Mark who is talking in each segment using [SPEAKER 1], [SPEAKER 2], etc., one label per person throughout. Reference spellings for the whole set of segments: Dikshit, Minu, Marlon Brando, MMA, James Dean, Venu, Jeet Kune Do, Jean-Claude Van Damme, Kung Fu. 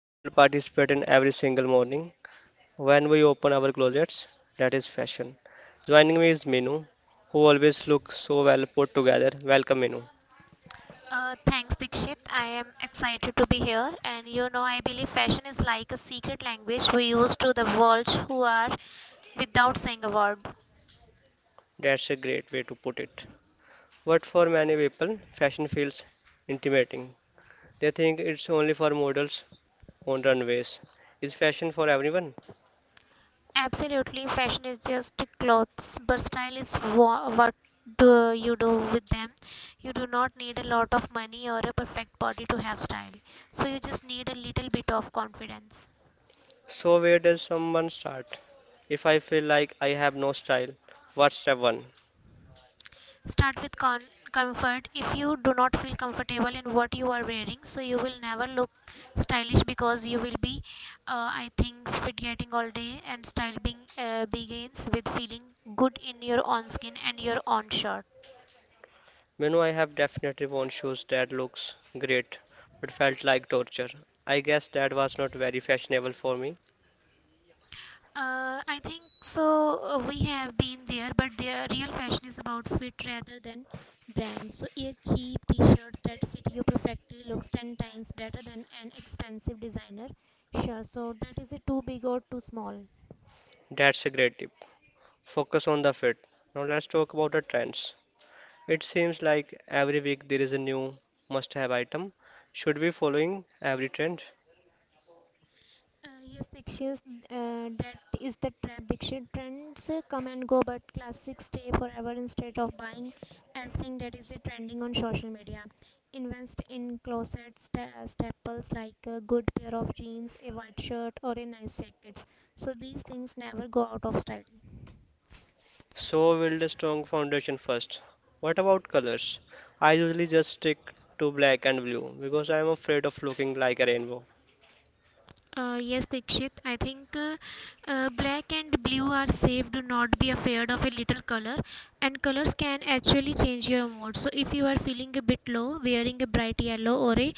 [SPEAKER 1] we all participate in every single morning when we open our closets, that is fashion. Joining me is Minu, who always looks so well put together. Welcome Minu.
[SPEAKER 2] Thanks, Dikshit. I am excited to be here. And you know, I believe fashion is like a secret language we use to the world who are without saying a word.
[SPEAKER 1] That's a great way to put it. But for many people, fashion feels intimidating. They think it's only for models on runways. Is fashion for everyone?
[SPEAKER 2] Absolutely, fashion is just clothes, but style is what do you do with them. You do not need a lot of money or a perfect body to have style. So you just need a little bit of confidence.
[SPEAKER 1] So where does someone start? If I feel like I have no style, what's step one?
[SPEAKER 2] Start with comfort. If you do not feel comfortable in what you are wearing, so you will never look stylish because you will be, I think, fit getting all day. And style being begins with feeling good in your own skin and your own shirt.
[SPEAKER 1] Manu, I have definitely worn shoes that looks great, but felt like torture. I guess that was not very fashionable for me.
[SPEAKER 2] I think so. We have been there, but the real fashion is about fit rather than brand. So, a cheap T-shirts that fit you perfectly looks ten times better than an expensive designer. Sure. So that is a too big or too small?
[SPEAKER 1] That's a great tip. Focus on the fit. Now let's talk about the trends. It seems like every week there is a new must-have item. Should we following every trend?
[SPEAKER 2] Yes, Dikshit, that is the trap. Dikshit trends come and go, but classics stay forever instead of buying everything that is trending on social media. Invest in closet staples like a good pair of jeans, a white shirt, or a nice jacket. So these things never go out of style.
[SPEAKER 1] So build a strong foundation first. What about colors? I usually just stick to black and blue because I am afraid of looking like a rainbow.
[SPEAKER 2] Yes, Dikshit. I think black and blue are safe. Do not be afraid of a little color, and colors can actually change your mood. So, if you are feeling a bit low, wearing a bright yellow or a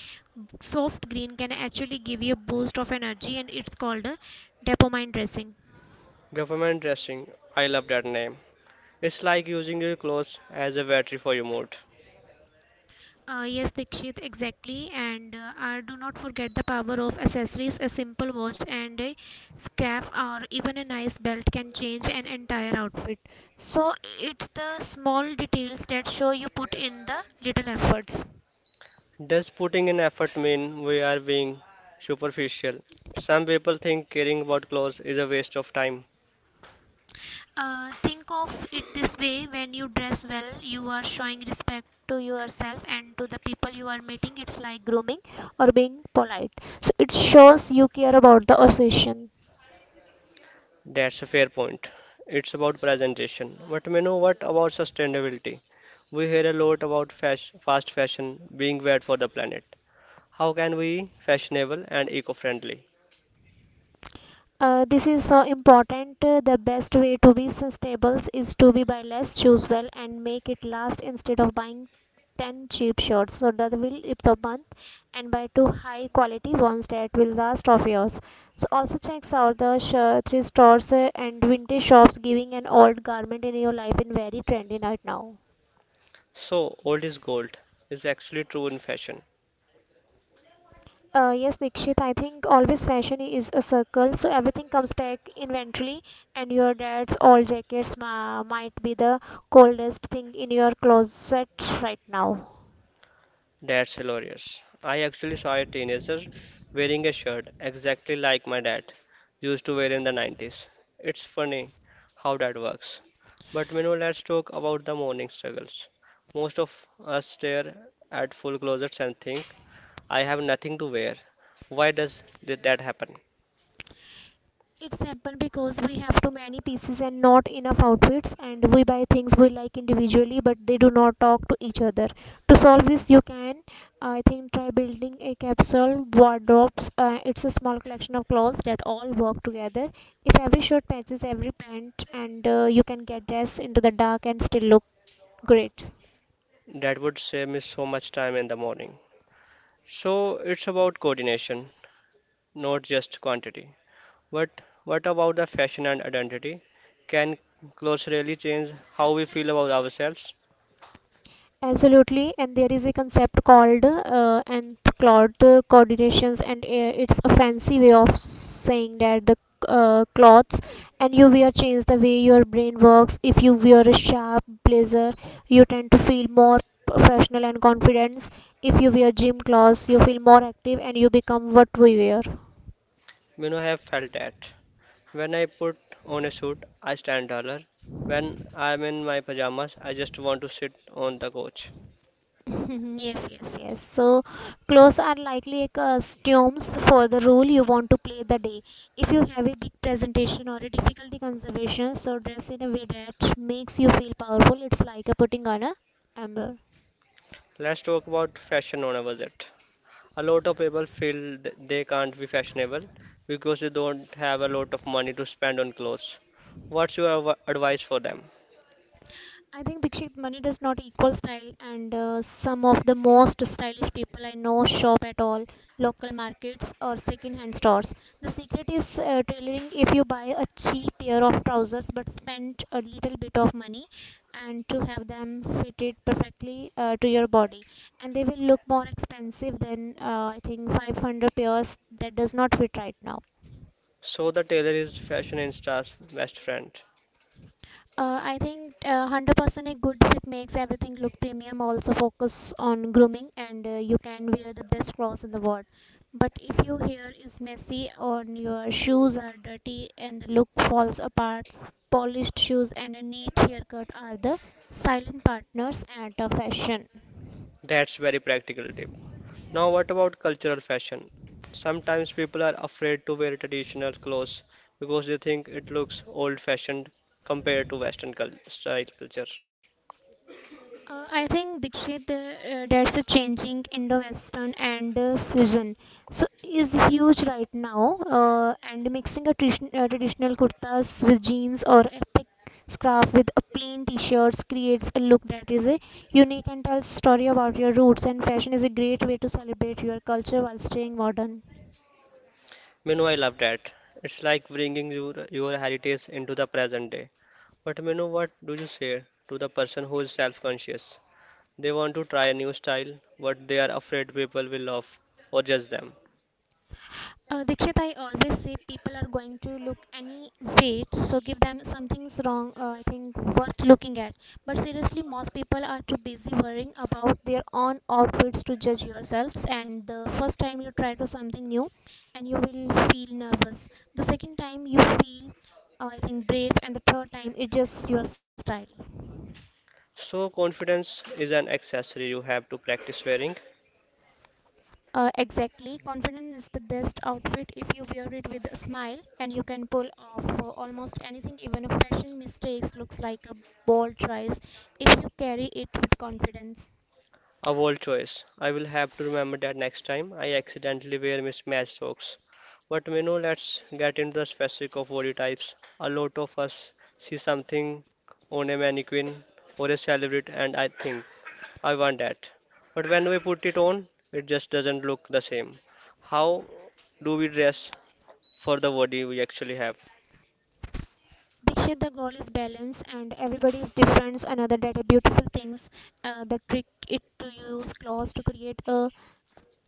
[SPEAKER 2] soft green can actually give you a boost of energy, and it's called a dopamine dressing.
[SPEAKER 1] Government dressing, I love that name. It's like using your clothes as a battery for your mood.
[SPEAKER 2] Yes, Dikshit, exactly. And do not forget the power of accessories. A simple watch and a scarf or even a nice belt can change an entire outfit. So it's the small details that show you put in the little efforts.
[SPEAKER 1] Does putting in effort mean we are being superficial? Some people think caring about clothes is a waste of time.
[SPEAKER 2] Think of it this way when you dress well, you are showing respect to yourself and to the people you are meeting. It's like grooming or being polite. So it shows you care about the occasion.
[SPEAKER 1] That's a fair point. It's about presentation. But you know, what about sustainability? We hear a lot about fast fashion being bad for the planet. How can we fashionable and eco-friendly?
[SPEAKER 2] This is so important. The best way to be sustainable is to be buy less, choose well, and make it last instead of buying 10 cheap shirts. So that will rip the month and buy two high quality ones that will last of yours. So also checks out the thrift stores and vintage shops giving an old garment in your life in very trendy right now.
[SPEAKER 1] So, old is gold is actually true in fashion.
[SPEAKER 2] Yes, Nikshit, I think always fashion is a circle, so everything comes back eventually, and your dad's old jackets might be the coldest thing in your closet right now.
[SPEAKER 1] That's hilarious. I actually saw a teenager wearing a shirt exactly like my dad used to wear in the 90s. It's funny how that works. But you know, let's talk about the morning struggles. Most of us stare at full closets and think, I have nothing to wear. Why does that happen?
[SPEAKER 2] It's happened because we have too many pieces and not enough outfits, and we buy things we like individually, but they do not talk to each other. To solve this, you can, I think, try building a capsule wardrobes. It's a small collection of clothes that all work together. If every shirt matches every pant, and you can get dressed into the dark and still look great.
[SPEAKER 1] That would save me so much time in the morning. So it's about coordination, not just quantity. But what about the fashion and identity? Can clothes really change how we feel about ourselves?
[SPEAKER 2] Absolutely, and there is a concept called cloth coordinations, and it's a fancy way of saying that the clothes and you wear change the way your brain works. If you wear a sharp blazer, you tend to feel more professional and confidence. If you wear gym clothes, you feel more active, and you become what we wear.
[SPEAKER 1] You know, I have felt that. When I put on a suit, I stand taller. When I'm in my pajamas, I just want to sit on the couch.
[SPEAKER 2] Yes, yes, yes. So, clothes are likely a costumes for the role you want to play the day. If you have a big presentation or a difficulty conservation, so dress in a way that makes you feel powerful. It's like a putting on a amber.
[SPEAKER 1] Let's talk about fashion on a budget. A lot of people feel they can't be fashionable because they don't have a lot of money to spend on clothes. What's your advice for them?
[SPEAKER 2] I think Dikshit money does not equal style, and some of the most stylish people I know shop at all local markets or second-hand stores. The secret is tailoring. If you buy a cheap pair of trousers but spend a little bit of money, and to have them fitted perfectly to your body, and they will look more expensive than I think 500 pairs that does not fit right now.
[SPEAKER 1] So the tailor is fashion insta's best friend.
[SPEAKER 2] I think 100% a good fit makes everything look premium. Also, focus on grooming, and you can wear the best clothes in the world. But if your hair is messy or your shoes are dirty and the look falls apart, polished shoes and a neat haircut are the silent partners at a fashion.
[SPEAKER 1] That's very practical tip. Now, what about cultural fashion? Sometimes people are afraid to wear traditional clothes because they think it looks old-fashioned compared to Western cul style culture.
[SPEAKER 2] I think Dikshit, there's a changing Indo-Western and fusion, so is huge right now. And mixing a traditional kurtas with jeans or epic scarf with a plain t-shirts creates a look that is a unique and tells story about your roots. And fashion is a great way to celebrate your culture while staying modern.
[SPEAKER 1] Minu, I love that. It's like bringing your heritage into the present day. But Minu, what do you say to the person who is self-conscious? They want to try a new style, but they are afraid people will laugh or judge them.
[SPEAKER 2] Dikshit, I always say people are going to look any weight, so give them something's wrong, I think, worth looking at. But seriously, most people are too busy worrying about their own outfits to judge yourselves. And the first time you try to something new, and you will feel nervous. The second time you feel, I think, brave, and the third time it's just your style.
[SPEAKER 1] So confidence is an accessory you have to practice wearing.
[SPEAKER 2] Exactly. Confidence is the best outfit. If you wear it with a smile and you can pull off almost anything, even a fashion mistakes looks like a bold choice if you carry it with confidence.
[SPEAKER 1] A bold choice. I will have to remember that next time I accidentally wear mismatched socks. But you know, let's get into the specific of body types. A lot of us see something on a mannequin or a celebrity, and I think I want that. But when we put it on, it just doesn't look the same. How do we dress for the body we actually have?
[SPEAKER 2] Dikshit, the goal is balance and everybody is different. Another that are beautiful things. The trick it to use clothes to create a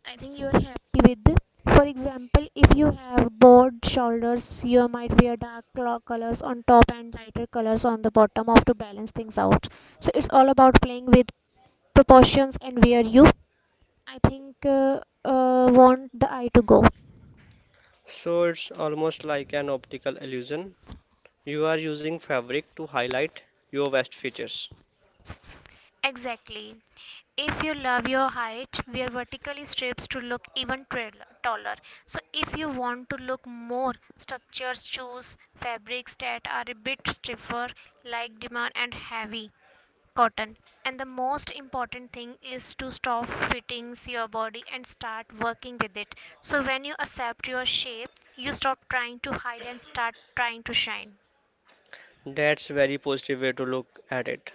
[SPEAKER 2] I think you're happy with. For example, if you have broad shoulders, you might wear dark colors on top and lighter colors on the bottom of to balance things out. So it's all about playing with proportions and where you, I think, want the eye to go.
[SPEAKER 1] So it's almost like an optical illusion. You are using fabric to highlight your best features.
[SPEAKER 2] Exactly. If you love your height, wear vertically strips to look even taller. So, if you want to look more structures, choose fabrics that are a bit stiffer, like demand and heavy cotton. And the most important thing is to stop fitting your body and start working with it. So when you accept your shape, you stop trying to hide and start trying to shine.
[SPEAKER 1] That's very positive way to look at it.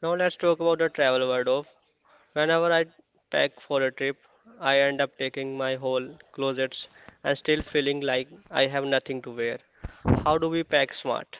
[SPEAKER 1] Now let's talk about the travel word of. Whenever I pack for a trip, I end up taking my whole closets and still feeling like I have nothing to wear. How do we pack smart?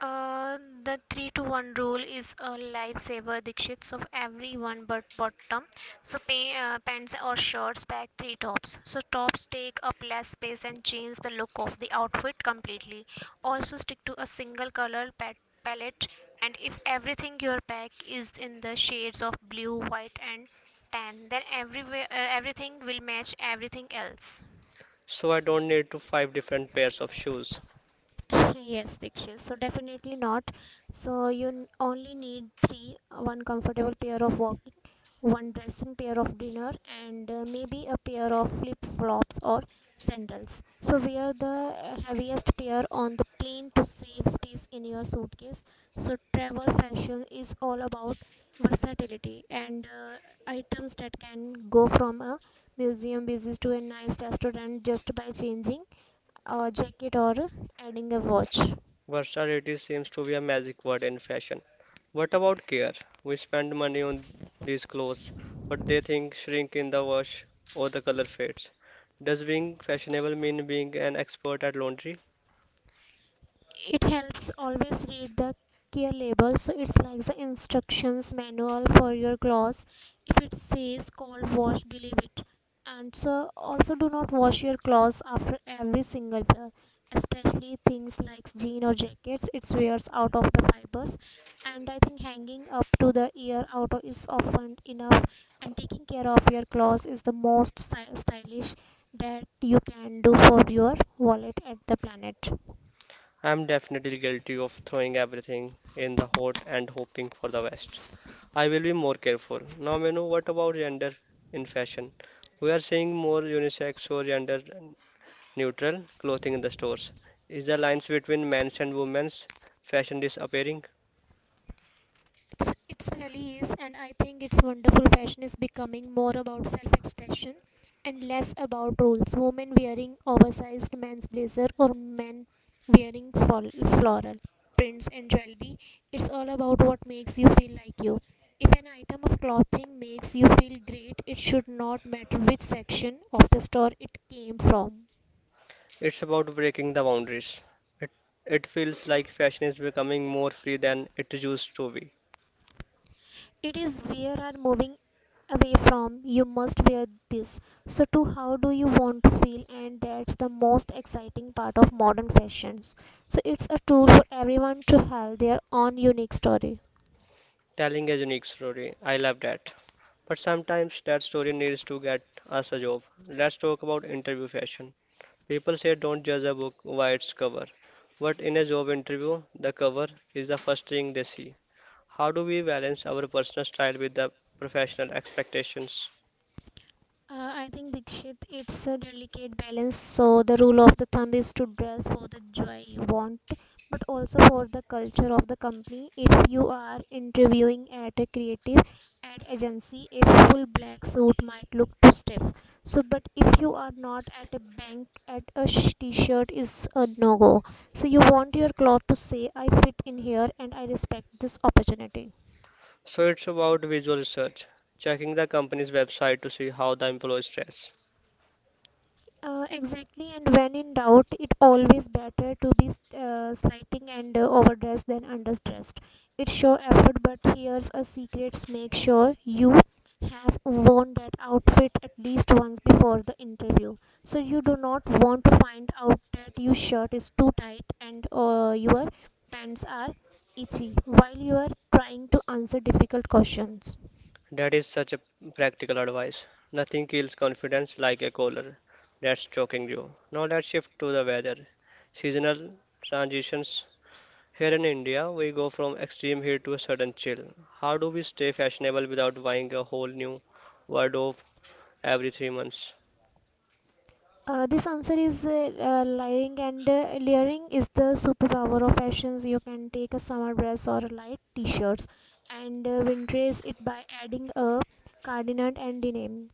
[SPEAKER 2] Uh, the 3 to 1 rule is a lifesaver, Dikshits, of everyone but bottom. So, pants or shirts pack three tops. So, tops take up less space and change the look of the outfit completely. Also, stick to a single color palette, and if everything your pack is in the shades of blue, white, and tan, then everywhere, everything will match everything else.
[SPEAKER 1] So I don't need to five different pairs of shoes.
[SPEAKER 2] Yes, Diksha, so definitely not. So you only need three. One comfortable pair of walking, one dressing pair of dinner, and maybe a pair of flip flops or sandals. So wear the heaviest pair on the plane to save space in your suitcase. So travel fashion is all about versatility and items that can go from a museum visit to a nice restaurant just by changing a jacket or adding a watch.
[SPEAKER 1] Versatility seems to be a magic word in fashion. What about care? We spend money on these clothes, but they think shrink in the wash or the color fades. Does being fashionable mean being an expert at laundry?
[SPEAKER 2] It helps always read the care label, so it's like the instructions manual for your clothes. If it says cold wash, believe it. And so also do not wash your clothes after every single wear, especially things like jean or jackets. It wears out of the fibers, and I think hanging up to the ear out is often enough. And taking care of your clothes is the most stylish that you can do for your wallet at the planet.
[SPEAKER 1] I'm definitely guilty of throwing everything in the hot and hoping for the best. I will be more careful. Now, Manu, what about gender in fashion? We are seeing more unisex or gender neutral clothing in the stores. Is the lines between men's and women's fashion disappearing?
[SPEAKER 2] It's really is, and I think it's wonderful. Fashion is becoming more about self expression and less about rules. Women wearing oversized men's blazer or men wearing floral prints and jewelry, it's all about what makes you feel like you. If an item of clothing makes you feel great, it should not matter which section of the store it came from.
[SPEAKER 1] It's about breaking the boundaries. It, it feels like fashion is becoming more free than it used to be.
[SPEAKER 2] It is where are moving away from you must wear this, so to how do you want to feel. And that's the most exciting part of modern fashions, so it's a tool for everyone to tell their own unique story.
[SPEAKER 1] Telling a unique story. I love that. But sometimes that story needs to get us a job. Let's talk about interview fashion. People say don't judge a book by its cover. But in a job interview, the cover is the first thing they see. How do we balance our personal style with the professional expectations?
[SPEAKER 2] I think Dikshit, it's a delicate balance. So the rule of the thumb is to dress for the joy you want, but also for the culture of the company. If you are interviewing at a creative ad agency, a full black suit might look too stiff. So, but if you are not at a bank, at a t-shirt is a no-go. So you want your cloth to say, "I fit in here and I respect this opportunity."
[SPEAKER 1] So it's about visual research, checking the company's website to see how the employees dress.
[SPEAKER 2] Exactly, and when in doubt, it always better to be slighting and overdressed than underdressed. It's sure effort, but here's a secret: make sure you have worn that outfit at least once before the interview, so you do not want to find out that your shirt is too tight and your pants are itchy while you are trying to answer difficult questions.
[SPEAKER 1] That is such a practical advice. Nothing kills confidence like a collar that's choking you. Now let's shift to the weather. Seasonal transitions. Here in India, we go from extreme heat to a sudden chill. How do we stay fashionable without buying a whole new wardrobe every 3 months?
[SPEAKER 2] This answer is layering, and layering is the superpower of fashions. You can take a summer dress or a light t-shirts and winterize it by adding a cardigan and denim.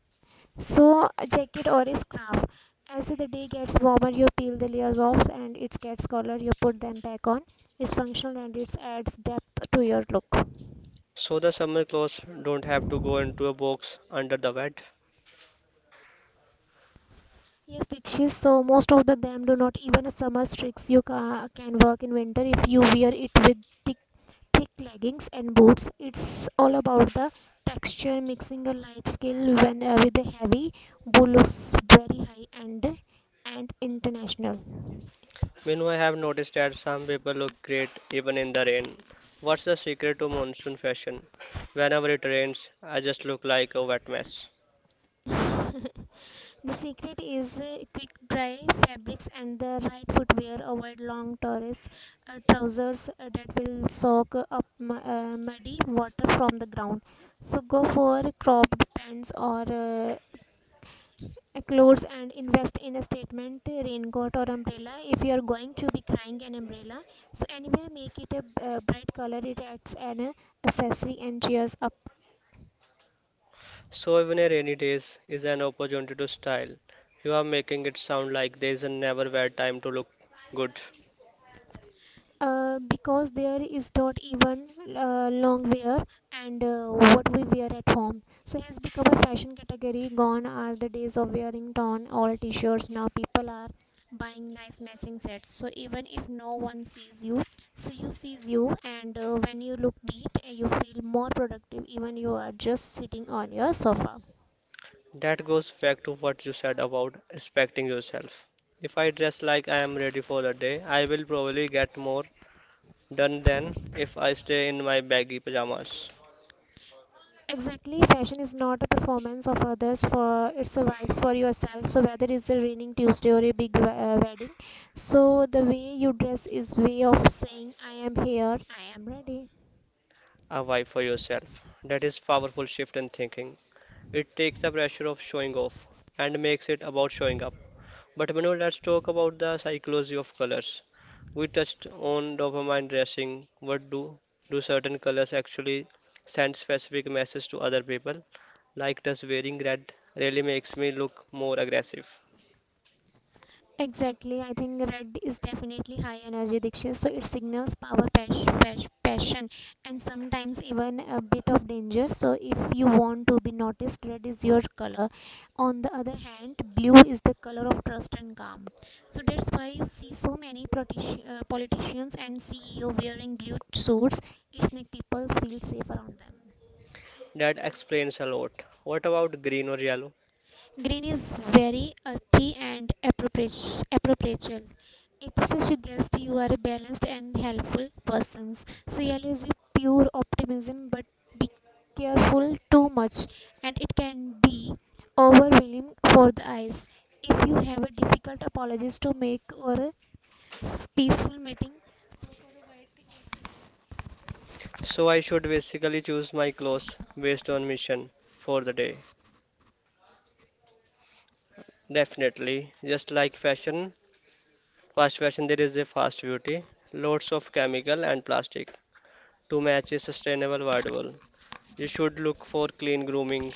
[SPEAKER 2] So a jacket or a scarf. As the day gets warmer, you peel the layers off and it gets color. You put them back on. It's functional and it adds depth to your look.
[SPEAKER 1] So the summer clothes don't have to go into a box under the bed.
[SPEAKER 2] Yes, Dikshit. So most of the them do not even a summer tricks you can work in winter if you wear it with thick leggings and boots. It's all about the texture, mixing a light scale when with a heavy blue. Looks very high and international.
[SPEAKER 1] You I have noticed that some people look great even in the rain. What's the secret to monsoon fashion? Whenever it rains, I just look like a wet mess.
[SPEAKER 2] The secret is quick dry fabrics and the right footwear. Avoid long torres, trousers that will soak up muddy water from the ground, so go for cropped pants or clothes, and invest in a statement raincoat or umbrella. If you are going to be crying an umbrella, so anyway, make it a bright color. It adds an accessory and cheers up.
[SPEAKER 1] So even a rainy days is an opportunity to style. You are making it sound like there is a never bad time to look good.
[SPEAKER 2] Because there is not even long wear, and what we wear at home so has become a fashion category. Gone are the days of wearing torn all t-shirts. Now people are buying nice matching sets, so even if no one sees you, so you sees you, and when you look neat, you feel more productive even you are just sitting on your sofa.
[SPEAKER 1] That goes back to what you said about respecting yourself. If I dress like I am ready for the day, I will probably get more done than if I stay in my baggy pajamas.
[SPEAKER 2] Exactly, fashion is not a performance of others. For it survives for yourself. So whether it's a raining Tuesday or a big wedding, so the way you dress is way of saying I am here, I am ready.
[SPEAKER 1] A why for yourself. That is powerful shift in thinking. It takes the pressure of showing off and makes it about showing up. But Manu, let's talk about the psychology of colors. We touched on dopamine dressing. What do certain colors actually send specific messages to other people? Like does wearing red really makes me look more aggressive?
[SPEAKER 2] Exactly, I think red is definitely high energy, Diksha, so it signals power, passion, and sometimes even a bit of danger. So, if you want to be noticed, red is your color. On the other hand, blue is the color of trust and calm. So, that's why you see so many politicians and CEO wearing blue suits, it makes people feel safe around them.
[SPEAKER 1] That explains a lot. What about green or yellow?
[SPEAKER 2] Green is very earthy and appropriate. It suggests you guessed you are a balanced and helpful person. So yellow is a pure optimism, but be careful too much, and it can be overwhelming for the eyes. If you have a difficult apologies to make or a peaceful meeting,
[SPEAKER 1] So I should basically choose my clothes based on mission for the day. Definitely. Just like fashion, fast fashion, there is a fast beauty, lots of chemical and plastic to match a sustainable wardrobe. You should look for clean grooming,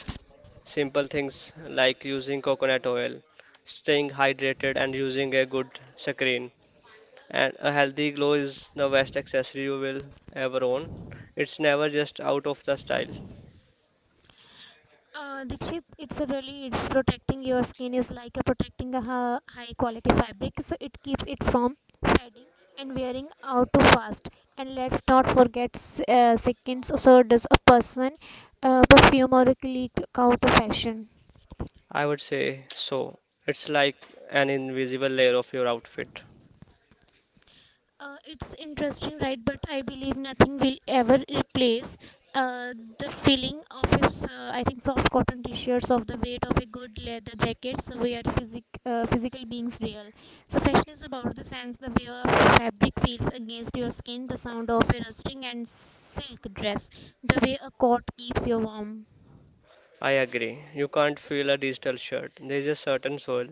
[SPEAKER 1] simple things like using coconut oil, staying hydrated, and using a good sunscreen. And a healthy glow is the best accessory you will ever own. It's never just out of the style.
[SPEAKER 2] Dikshit, it's a really it's protecting your skin is like a protecting a high quality fabric, so it keeps it from fading and wearing out too fast. And let's not forget seconds. So does a person perfume or a click out of fashion?
[SPEAKER 1] I would say so. It's like an invisible layer of your outfit.
[SPEAKER 2] It's interesting, right? But I believe nothing will ever replace the feeling of a s- I think soft cotton t-shirts of the weight of a good leather jacket. So we are physical beings, real. So fashion is about the sense, the way of fabric feels against your skin, the sound of a rusting and silk dress, the way a coat keeps you warm.
[SPEAKER 1] I agree. You can't feel a digital shirt. There is a certain soul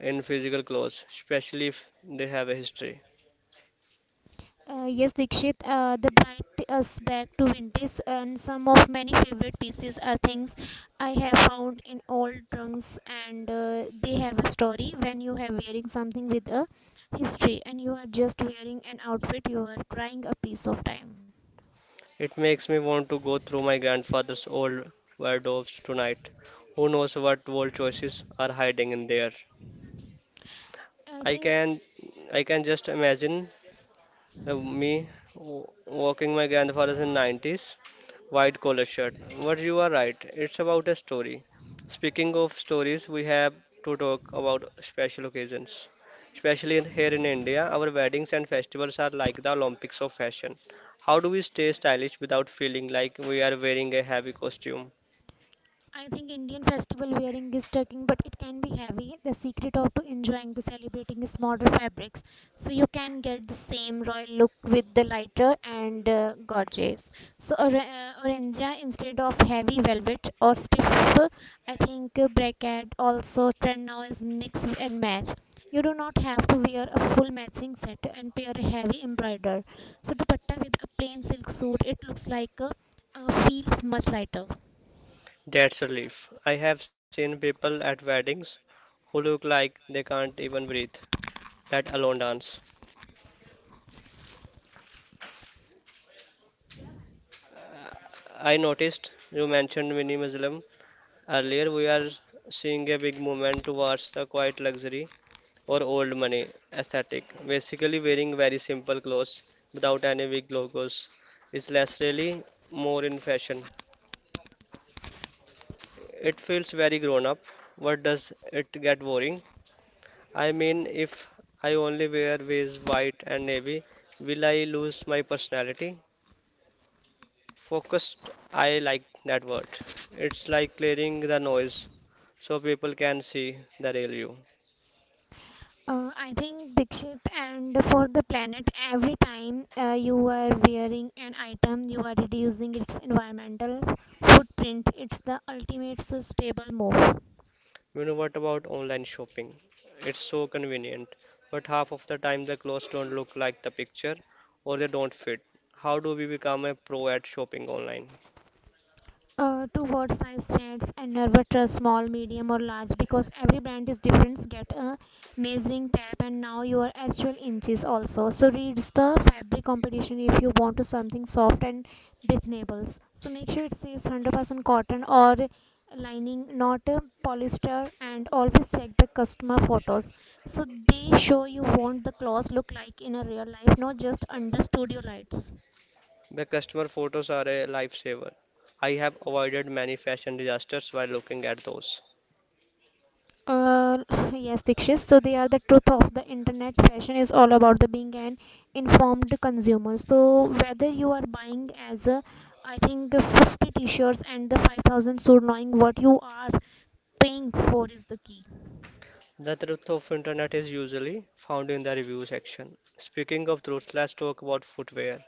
[SPEAKER 1] in physical clothes, especially if they have a history.
[SPEAKER 2] Yes, Dikshit, the bind us back to vintage, and some of many favorite pieces are things I have found in old trunks, and they have a story. When you have wearing something with a history, and you are just wearing an outfit, you are crying a piece of time.
[SPEAKER 1] It makes me want to go through my grandfather's old wardrobes tonight. Who knows what bold choices are hiding in there?
[SPEAKER 2] I
[SPEAKER 1] I
[SPEAKER 2] think
[SPEAKER 1] can I can just imagine Uh, me w- walking my grandfather's in 90s white collar shirt. But you are right, it's about a story. Speaking of stories, we have to talk about special occasions, especially here in India. Our weddings and festivals are like the Olympics of fashion. How do we stay stylish without feeling like we are wearing a heavy costume?
[SPEAKER 2] I think Indian festival wearing is tucking, but it can be heavy. The secret of to enjoying the celebrating is modern fabrics, so you can get the same royal look with the lighter and gorgeous. So or, orangea instead of heavy velvet or stiff. I think bracket also trend now is mix and match. You do not have to wear a full matching set and pair a heavy embroider. So dupatta with a plain silk suit, it looks like feels much lighter.
[SPEAKER 1] That's a relief. I have seen people at weddings who look like they can't even breathe, let alone dance. I noticed you mentioned minimalism earlier. We are seeing a big movement towards the quiet luxury or old money aesthetic. Basically, wearing very simple clothes without any big logos. Is less really more in fashion? It feels very grown up. What does it get boring? I mean, if I only wear ways white and navy, will I lose my personality? Focused, I like that word. It's like clearing the noise so people can see the real you.
[SPEAKER 2] I think Dixit, and for the planet, every time you are wearing an item, you are reducing its environmental footprint. It's the ultimate sustainable move.
[SPEAKER 1] You know, what about online shopping? It's so convenient, but half of the time the clothes don't look like the picture or they don't fit. How do we become a pro at shopping online?
[SPEAKER 2] Towards size chats, and never small, medium or large, because every brand is different. Get a measuring tape and now your actual inches also, so reads the fabric competition. If you want to something soft and breathable, so make sure it says 100% cotton or lining, not polyester, and always check the customer photos, so they show you want the clothes look like in a real life, not just under studio lights.
[SPEAKER 1] The customer photos are a lifesaver. I have avoided many fashion disasters by looking at those.
[SPEAKER 2] Uh, yes, Dikshit. So they are the truth of the internet. Fashion is all about the being an informed consumer. So whether you are buying as a, I think 50 t-shirts and the 5,000, so knowing what you are paying for is the key.
[SPEAKER 1] The truth of internet is usually found in the review section. Speaking of truth, let's talk about footwear.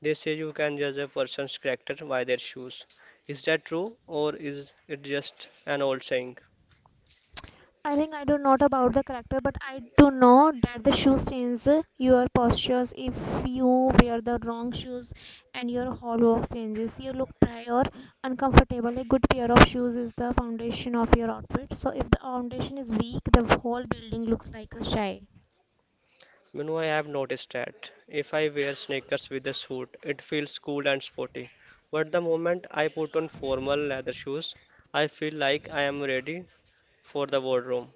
[SPEAKER 1] They say you can judge a person's character by their shoes. Is that true or is it just an old saying?
[SPEAKER 2] I think I do not about the character, but I do know that the shoes change your postures. If you wear the wrong shoes and your whole walk changes, you look dry or uncomfortable. A good pair of shoes is the foundation of your outfit. So if the foundation is weak, the whole building looks like a shy.
[SPEAKER 1] You know, I have noticed that if I wear sneakers with a suit, it feels cool and sporty. But the moment I put on formal leather shoes, I feel like I am ready for the wardrobe.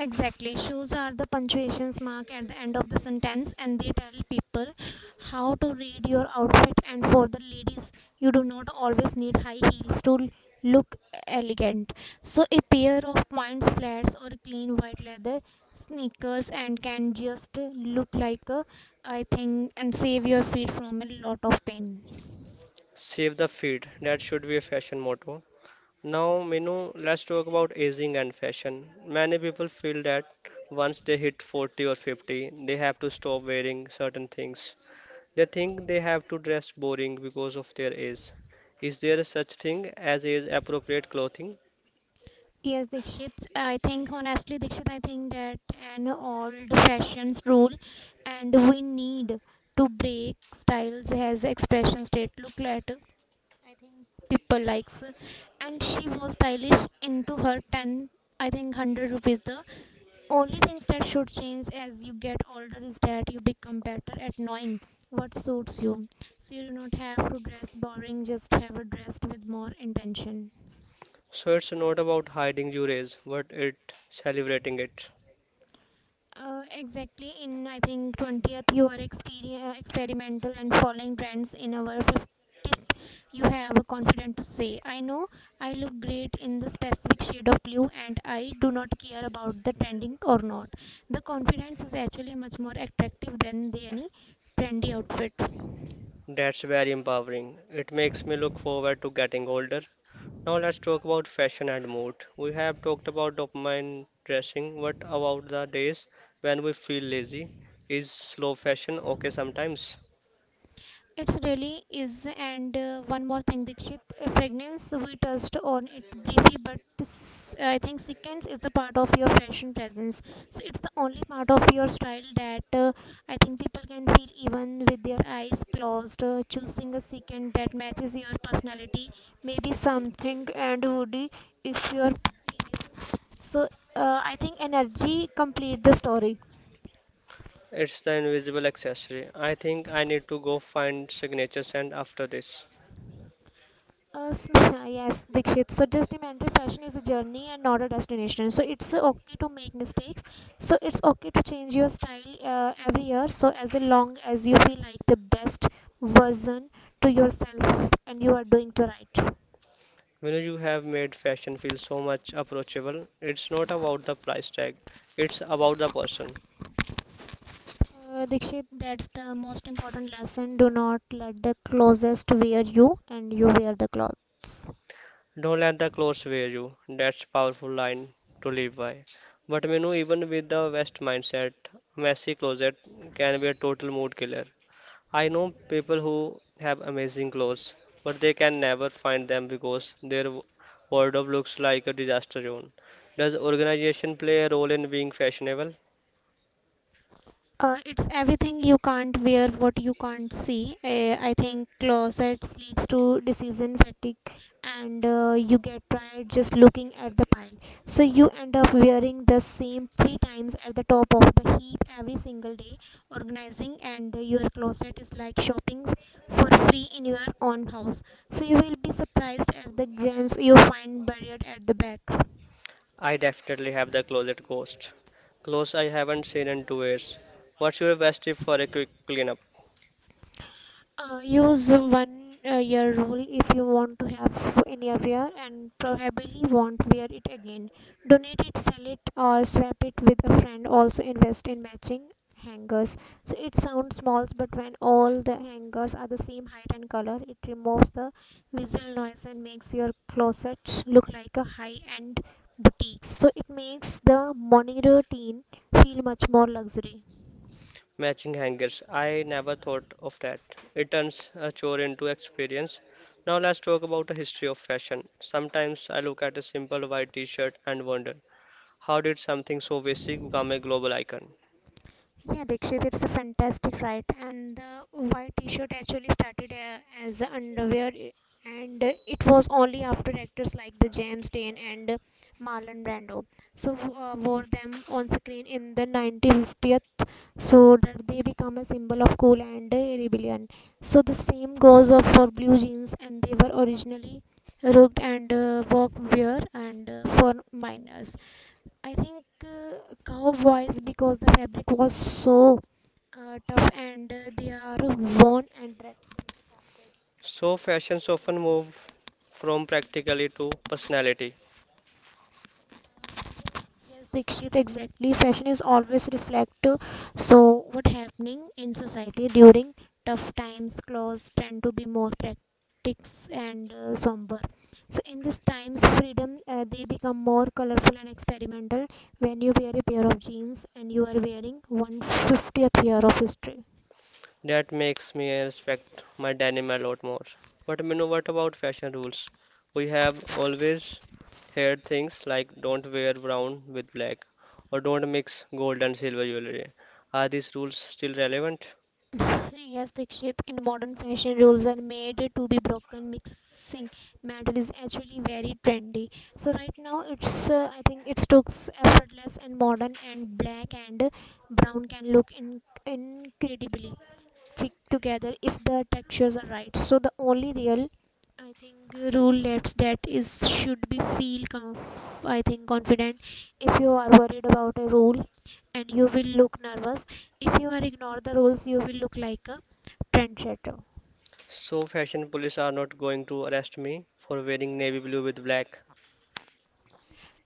[SPEAKER 2] Exactly. Shoes are the punctuations mark at the end of the sentence and they tell people how to read your outfit. And for the ladies, you do not always need high heels to look elegant. So a pair of points flats or clean white leather sneakers and can just look like a I think and save your feet from a lot of pain.
[SPEAKER 1] Save the feet, that should be a fashion motto. Now, Minu, let's talk about aging and fashion. Many people feel that once they hit 40 or 50, they have to stop wearing certain things. They think they have to dress boring because of their age. Is there such thing as age appropriate clothing?
[SPEAKER 2] Yes, Dikshit. I think honestly, Dikshit, I think that an old fashioned rule and we need to break. Styles as expressions that look at I think people likes, and she was stylish into her 10 I think 100 rupees. The only things that should change as you get older is that you become better at knowing what suits you, so you do not have to dress boring, just have a dressed with more intention.
[SPEAKER 1] So it's not about hiding your age, but it celebrating it.
[SPEAKER 2] Exactly. In I think 20th, you are experimental and following trends. In our 50th, you have a confident to say, I know I look great in the specific shade of blue and I do not care about the trending or not. The confidence is actually much more attractive than the any trendy outfit.
[SPEAKER 1] That's very empowering. It makes me look forward to getting older. Now let's talk about fashion and mood. We have talked about dopamine dressing. What about the days when we feel lazy? Is slow fashion okay sometimes?
[SPEAKER 2] It's really is. And one more thing, Dikshit, fragrance. We touched on it briefly, but this, I think sequence is the part of your fashion presence. So it's the only part of your style that I think people can feel even with their eyes closed. Choosing a sequence that matches your personality, maybe something and hoodie if you're serious. So I think energy complete the story.
[SPEAKER 1] It's the invisible accessory. I think I need to go find signature scent after this.
[SPEAKER 2] Yes, Dikshit. So, just remember, fashion is a journey and not a destination. So, it's okay to make mistakes. So, it's okay to change your style every year. So, as long as you feel like the best version to yourself and you are doing the right.
[SPEAKER 1] You know, you have made fashion feel so much approachable. It's not about the price tag, it's about the person.
[SPEAKER 2] Dikshit, that's the most important lesson. Do not let the closest wear you and you wear the clothes.
[SPEAKER 1] Don't let the clothes wear you. That's powerful line to live by. But you know, even with the West mindset, messy closet can be a total mood killer. I know people who have amazing clothes, but they can never find them because their wardrobe looks like a disaster zone. Does organization play a role in being fashionable?
[SPEAKER 2] It's everything you can't wear, what you can't see. I think closets leads to decision fatigue, and you get tired just looking at the pile. So you end up wearing the same three times at the top of the heap every single day. Organizing and your closet is like shopping for free in your own house. So you will be surprised at the gems you find buried at the back.
[SPEAKER 1] I definitely have the closet ghost. Clothes I haven't seen in 2 years. What's your best tip for a quick cleanup?
[SPEAKER 2] Use one year rule. If you want to have in your year and probably won't wear it again, donate it, sell it, or swap it with a friend. Also invest in matching hangers. So it sounds small, but when all the hangers are the same height and color, it removes the visual noise and makes your closets look like a high-end boutique. So it makes the morning routine feel much more luxury.
[SPEAKER 1] Matching hangers. I never thought of that. It turns a chore into experience. Now let's talk about the history of fashion. Sometimes I look at a simple white t-shirt and wonder, how did something so basic become a global icon?
[SPEAKER 2] Yeah, Dikshit, it's a fantastic right. And the white T-shirt actually started as a underwear, and it was only after actors like the James Dean and Marlon Brando, so wore them on screen in the 1950th, so that they become a symbol of cool and rebellion. So the same goes of for blue jeans, and they were originally rugged and workwear and for minors. I think cowboys, because the fabric was so tough and they are worn and dread.
[SPEAKER 1] So fashions often move from practicality to personality.
[SPEAKER 2] Yes, Dikshit, exactly. Fashion is always reflective. So, what happening in society during tough times? Clothes tend to be more practice and somber. So, in these times, freedom they become more colorful and experimental. When you wear a pair of jeans and you are wearing one 50th year of history.
[SPEAKER 1] That makes me respect my denim a lot more. But you know, what about fashion rules? We have always heard things like don't wear brown with black or don't mix gold and silver jewelry. Are these rules still relevant?
[SPEAKER 2] Yes, Dikshit, in modern fashion, rules are made to be broken. Mixing metal is actually very trendy. So right now, it's I think it's looks effortless and modern, and black and brown can look incredibly stick together if the textures are right. So the only real I think rule left that is should be feel I think confident. If you are worried about a rule, and you will look nervous. If you are ignore the rules, you will look like a trendsetter.
[SPEAKER 1] So fashion police are not going to arrest me for wearing navy blue with black.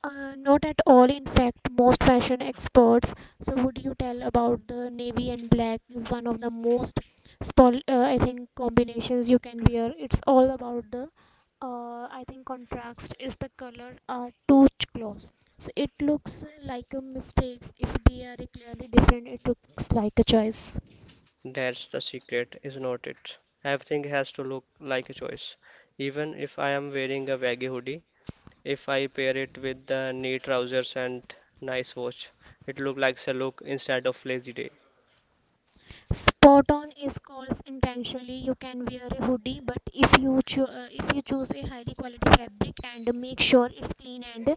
[SPEAKER 2] Not at all. In fact, most fashion experts. So, would you tell about the navy and black is one of the most, I think, combinations you can wear. It's all about the, I think, contrast is the color are too close. So it looks like a mistakes if they are clearly different. It looks like a choice.
[SPEAKER 1] That's the secret, is not it? Everything has to look like a choice. Even if I am wearing a baggy hoodie, if I pair it with the neat trousers and nice watch, it looks like a look instead of lazy day.
[SPEAKER 2] Spot on is calls intentionally. You can wear a hoodie, but if you if you choose a highly quality fabric and make sure it's clean and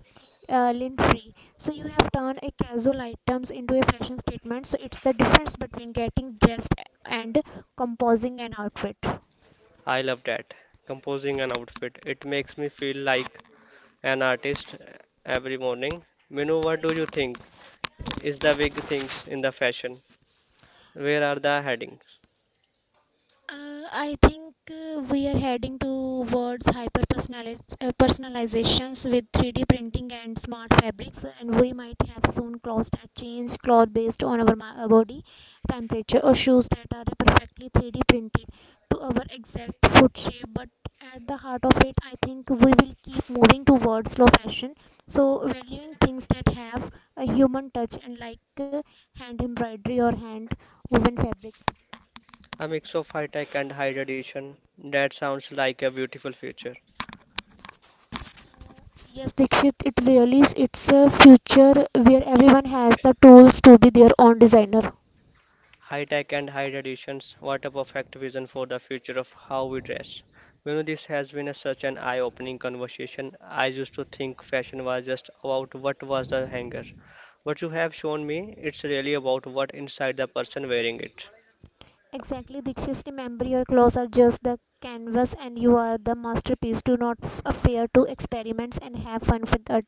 [SPEAKER 2] lint free, so you have turned a casual items into a fashion statement. So it's the difference between getting dressed and composing an outfit.
[SPEAKER 1] I love that. Composing an outfit, it makes me feel like an artist every morning. Minu, what do you think is the big things in the fashion? Where are the headings?
[SPEAKER 2] I think we are heading towards hyper personalizations with 3D printing and smart fabrics, and we might have soon clothes that change color based on our body temperature, or shoes that are perfectly 3D printed to our exact foot shape. But at the heart of it, I think we will keep moving towards slow fashion, so valuing things that have a human touch and like hand embroidery or hand woven fabrics.
[SPEAKER 1] A mix of high tech and high tradition. That sounds like a beautiful future.
[SPEAKER 2] Yes, Dikshit. It really is. It's a future where everyone has the tools to be their own designer.
[SPEAKER 1] High tech and high traditions, what a perfect vision for the future of how we dress. You know, this has been a, such an eye opening conversation. I used to think fashion was just about what was the hanger. What you have shown me, it's really about what inside the person wearing it.
[SPEAKER 2] Exactly, Dixit. Remember, your clothes are just the canvas and you are the masterpiece. Do not fear to experiments and have fun with it.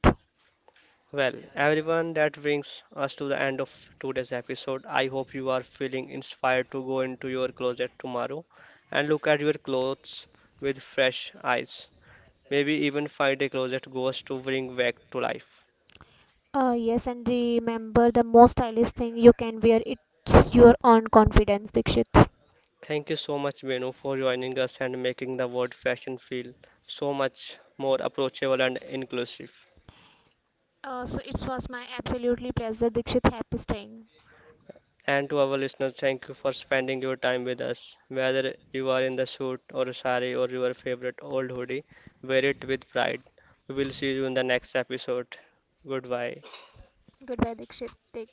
[SPEAKER 1] Well, everyone, that brings us to the end of today's episode. I hope you are feeling inspired to go into your closet tomorrow and look at your clothes with fresh eyes. Maybe even find a closet ghost to bring back to life.
[SPEAKER 2] Yes, and remember, the most stylish thing you can wear it's your own confidence, Dikshit.
[SPEAKER 1] Thank you so much, Venu, for joining us and making the word fashion feel so much more approachable and inclusive.
[SPEAKER 2] So, it was my absolutely pleasure, Dikshit. Happy staying.
[SPEAKER 1] And to our listeners, thank you for spending your time with us. Whether you are in the suit or sari or your favorite old hoodie, wear it with pride. We will see you in the next episode. Goodbye.
[SPEAKER 2] Goodbye, Dikshit. Take